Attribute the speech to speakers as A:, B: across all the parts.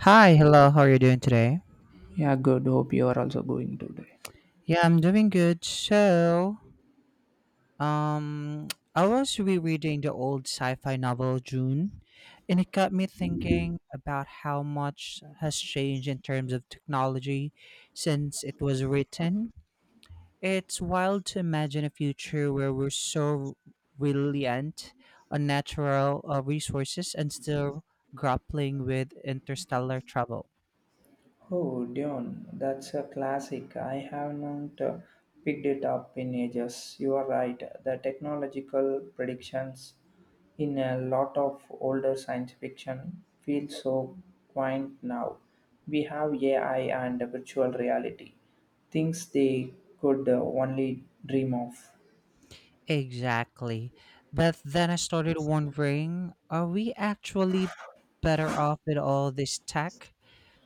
A: Hi, hello. How are you doing today?
B: Yeah, good. Hope you are also going today.
A: Yeah, I'm doing good. Um, I was rereading the old sci-fi novel June, and it got me thinking about how much has changed in terms of technology since it was written. It's wild to imagine a future where we're so reliant on natural resources and still grappling with interstellar travel.
B: Oh, Dion, that's a classic. I haven't picked it up in ages. You are right. The technological predictions in a lot of older science fiction feel so quaint now. We have AI and virtual reality, things they could only dream of.
A: Exactly. But then I started wondering, are we actually better off with all this tech?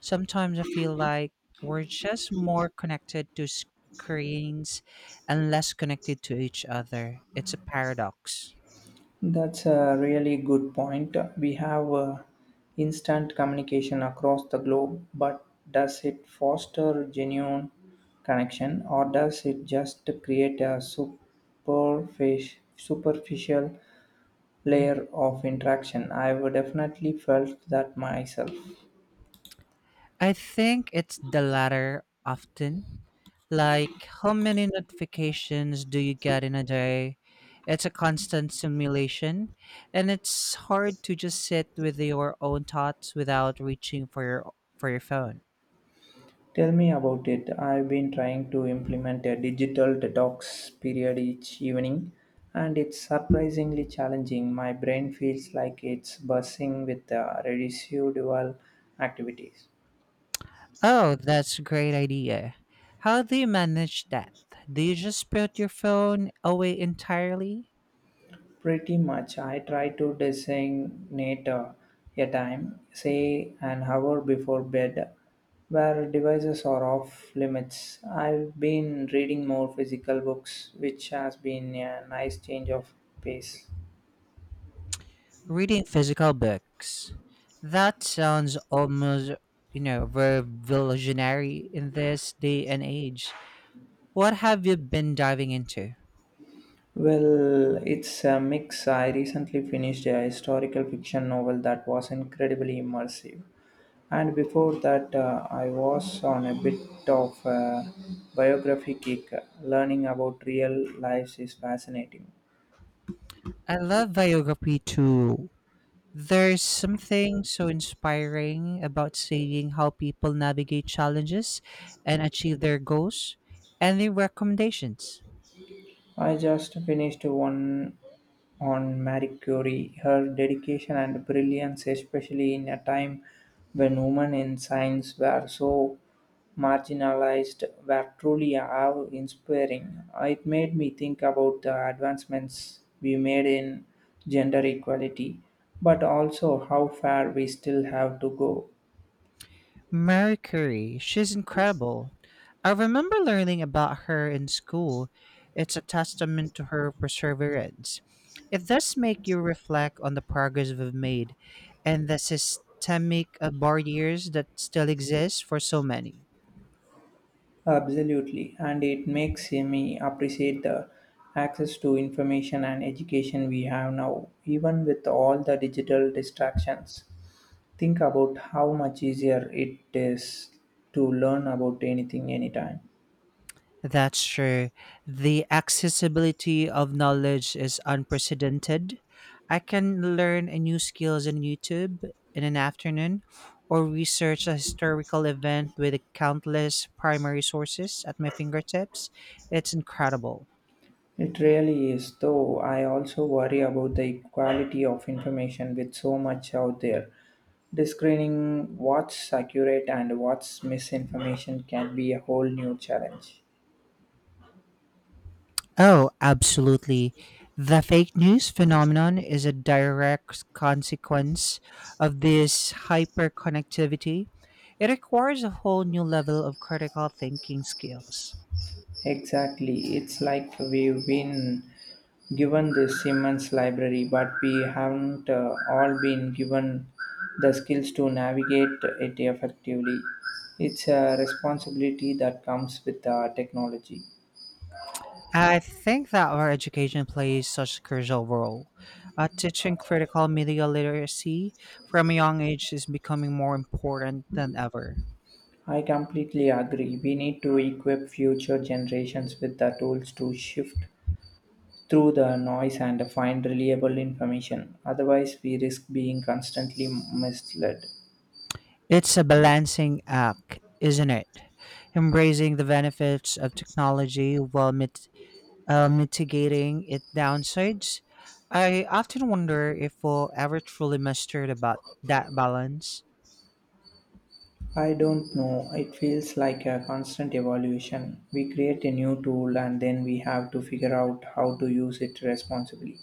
A: Sometimes I feel like we're just more connected to screens and less connected to each other. It's a paradox.
B: That's a really good point. We have instant communication across the globe, but does it foster genuine connection or does it just create a superficial layer of interaction? I've definitely felt that myself.
A: I think it's the latter often. Like, how many notifications do you get in a day? It's a constant simulation, and it's hard to just sit with your own thoughts without reaching for your phone.
B: Tell me about it. I've been trying to implement a digital detox period each evening, and it's surprisingly challenging. My brain feels like it's buzzing with residual activities.
A: Oh, that's a great idea. How do you manage that? Do you just put your phone away entirely?
B: Pretty much, I try to designate a time, say an hour before bed, where devices are off limits. I've been reading more physical books, which has been a nice change of pace.
A: Reading physical books. That sounds almost, you know, revolutionary in this day and age. What have you been diving into?
B: Well, it's a mix. I recently finished a historical fiction novel that was incredibly immersive. And before that, I was on a bit of a biography kick. Learning about real lives is fascinating.
A: I love biography too. There's something so inspiring about seeing how people navigate challenges and achieve their goals. Any recommendations?
B: I just finished one on Marie Curie. Her dedication and brilliance, especially in a time when women in science were so marginalized, were truly awe inspiring. It made me think about the advancements we made in gender equality, but also how far we still have to go.
A: Mercury, she's incredible. I remember learning about her in school. It's a testament to her perseverance. It does make you reflect on the progress we've made and the systemic barriers that still exist for so many.
B: Absolutely, and it makes me appreciate the access to information and education we have now, even with all the digital distractions. Think about how much easier it is to learn about anything anytime.
A: That's true. The accessibility of knowledge is unprecedented. I can learn a new skills on YouTube in an afternoon or research a historical event with countless primary sources at my fingertips. It's incredible.
B: It really is, though I also worry about the equality of information with so much out there. Discerning what's accurate and what's misinformation can be a whole new challenge.
A: Oh, absolutely. The fake news phenomenon is a direct consequence of this hyperconnectivity. It requires a whole new level of critical thinking skills.
B: Exactly. It's like we've been given this immense library, but we haven't all been given the skills to navigate it effectively. It's a responsibility that comes with technology.
A: I think that our education plays such a crucial role. Teaching critical media literacy from a young age is becoming more important than ever.
B: I completely agree. We need to equip future generations with the tools to shift through the noise and find reliable information. Otherwise, we risk being constantly misled.
A: It's a balancing act, isn't it? Embracing the benefits of technology while mitigating its downsides. I often wonder if we'll ever truly master about that balance.
B: I don't know. It feels like a constant evaluation. We create a new tool and then we have to figure out how to use it responsibly.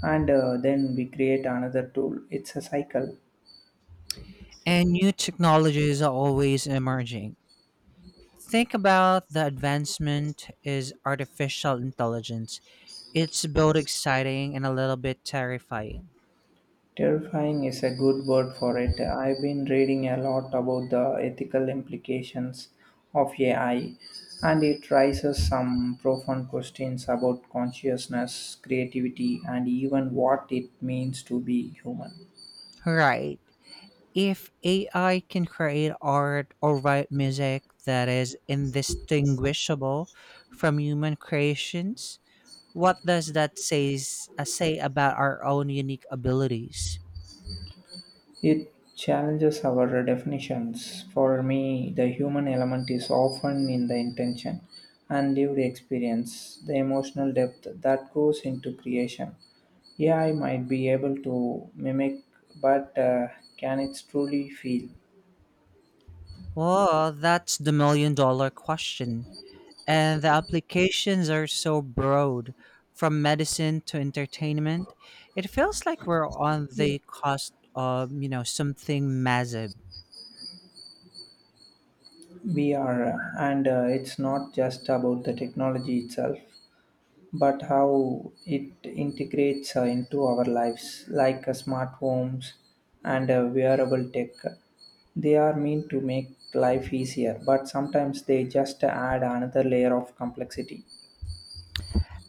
B: And then we create another tool. It's a cycle.
A: And new technologies are always emerging. Think about the advancement is artificial intelligence. It's both exciting and a little bit terrifying.
B: Terrifying is a good word for it. I've been reading a lot about the ethical implications of AI, and it raises some profound questions about consciousness, creativity, and even what it means to be human.
A: Right. If AI can create art or write music that is indistinguishable from human creations, what does say about our own unique abilities?
B: It challenges our definitions. For me, the human element is often in the intention and lived experience, the emotional depth that goes into creation. AI might be able to mimic, but can it truly feel?
A: Well, that's the million-dollar question. And the applications are so broad, from medicine to entertainment, it feels like we're on the cost of, you know, something massive.
B: We are, and it's not just about the technology itself, but how it integrates into our lives, like smart homes and wearable tech. They are meant to make life easier, but sometimes they just add another layer of complexity.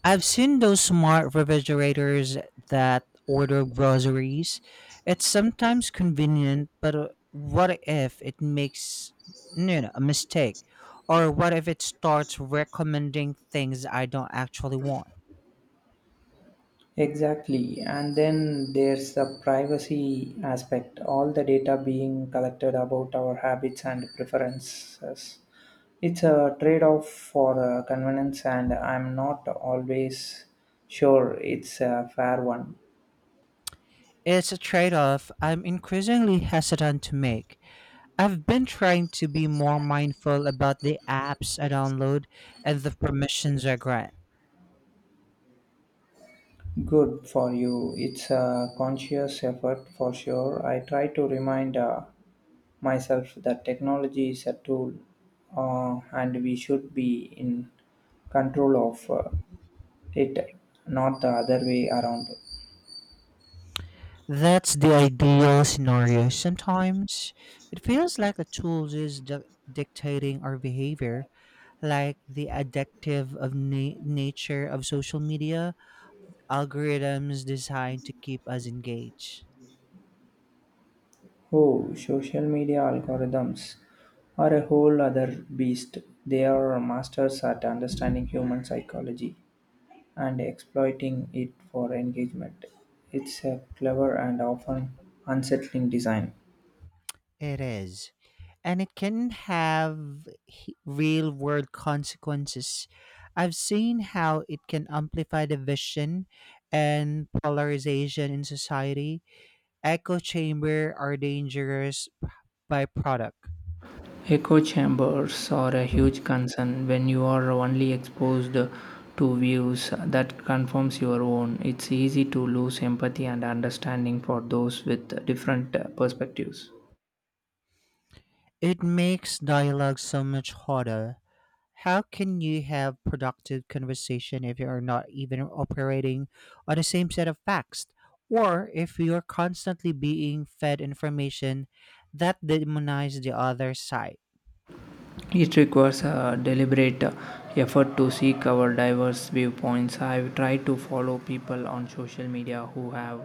A: I've seen those smart refrigerators that order groceries. It's sometimes convenient, but what if it makes, you know, a mistake? Or what if it starts recommending things I don't actually want?
B: Exactly, and then there's the privacy aspect, all the data being collected about our habits and preferences. It's a trade off for convenience, and I'm not always sure it's a fair one.
A: It's a trade off I'm increasingly hesitant to make. I've been trying to be more mindful about the apps I download and the permissions I grant.
B: Good for you. It's a conscious effort for sure. I try to remind myself that technology is a tool, and we should be in control of it, not the other way around.
A: That's the ideal scenario. Sometimes it feels like the dictating our behavior, like the nature of social media, algorithms designed to keep us engaged.
B: Oh, social media algorithms are a whole other beast. They are masters at understanding human psychology and exploiting it for engagement. It's a clever and often unsettling design.
A: It is. And it can have real world consequences. I've seen how it can amplify division and polarization in society. Echo chamber are dangerous byproduct.
B: Echo chambers are a huge concern when you are only exposed to views that confirms your own. It's easy to lose empathy and understanding for those with different perspectives.
A: It makes dialogue so much harder. How can you have productive conversation if you are not even operating on the same set of facts? Or if you are constantly being fed information that demonize the other side?
B: It requires a deliberate effort to seek our diverse viewpoints. I've tried to follow people on social media who have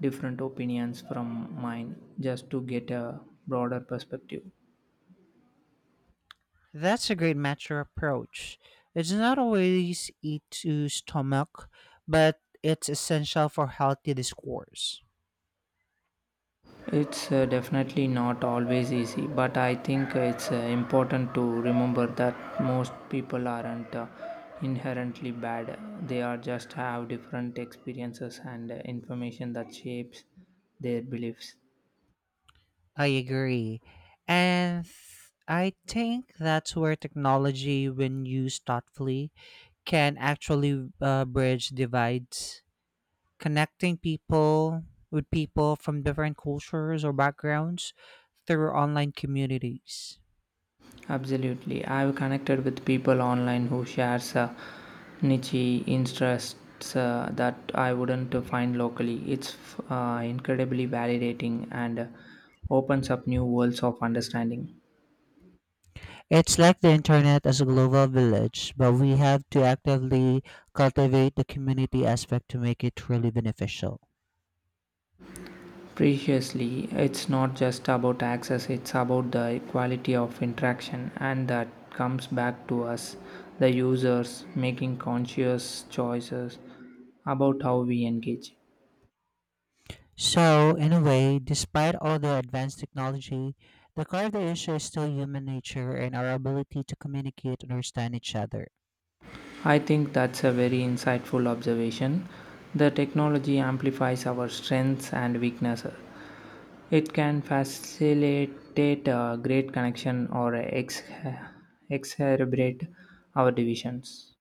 B: different opinions from mine just to get a broader perspective.
A: That's a great mature approach. It's not always eat to stomach, but it's essential for healthy discourse.
B: It's definitely not always easy, but I think it's important to remember that most people aren't inherently bad. They are just have different experiences and information that shapes their beliefs.
A: I agree. And I think that's where technology, when used thoughtfully, can actually bridge divides, connecting people with people from different cultures or backgrounds through online communities.
B: Absolutely. I've connected with people online who shares niche interests that I wouldn't find locally. It's incredibly validating and opens up new worlds of understanding.
A: It's like the internet as a global village, but we have to actively cultivate the community aspect to make it truly beneficial.
B: Preciously, it's not just about access, it's about the quality of interaction, and that comes back to us, the users, making conscious choices about how we engage.
A: So, in a way, despite all the advanced technology, the core of the issue is still human nature and our ability to communicate and understand each other.
B: I think that's a very insightful observation. The technology amplifies our strengths and weaknesses. It can facilitate a great connection or exacerbate our divisions.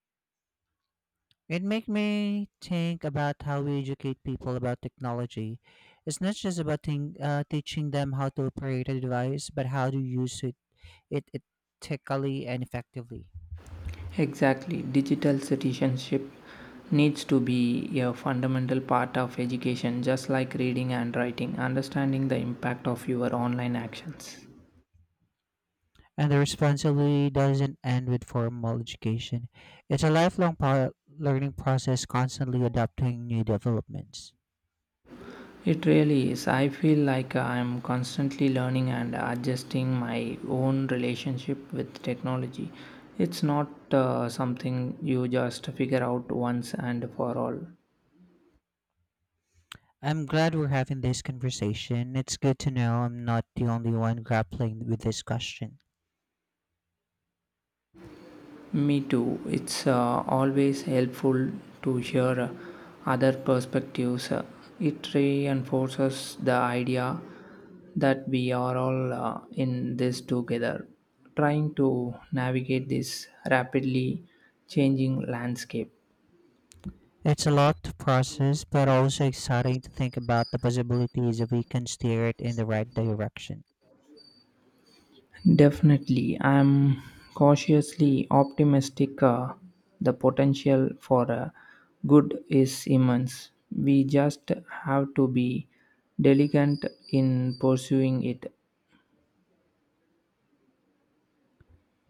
A: It make me think about how we educate people about technology. It's not just about teaching them how to operate a device, but how to use it ethically and effectively.
B: Exactly, digital citizenship needs to be a fundamental part of education, just like reading and writing, understanding the impact of your online actions.
A: And the responsibility doesn't end with formal education. It's a lifelong learning process, constantly adapting new developments.
B: It really is. I feel like I'm constantly learning and adjusting my own relationship with technology. It's not something you just figure out once and for all.
A: I'm glad we're having this conversation. It's good to know I'm not the only one grappling with this question.
B: Me too. It's always helpful to hear other perspectives. It reinforces the idea that we are all in this together, trying to navigate this rapidly changing landscape.
A: It's a lot to process, but also exciting to think about the possibilities if we can steer it in the right direction.
B: Definitely, I'm cautiously optimistic. The potential for good is immense. We just have to be diligent in pursuing it.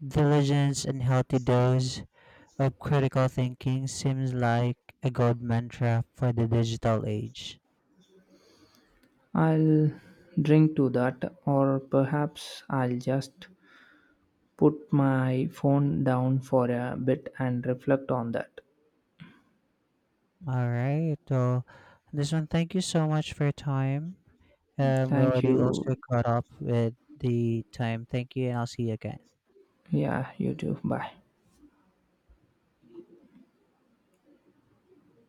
A: Diligence and healthy dose of critical thinking seems like a gold mantra for the digital age.
B: I'll drink to that, or perhaps I'll just put my phone down for a bit and reflect on that.
A: All right. Well, this one, thank you so much for your time. We're
B: Thank
A: already
B: you.
A: also caught up with the time. Thank you, and I'll see you again.
B: Yeah, you too. Bye.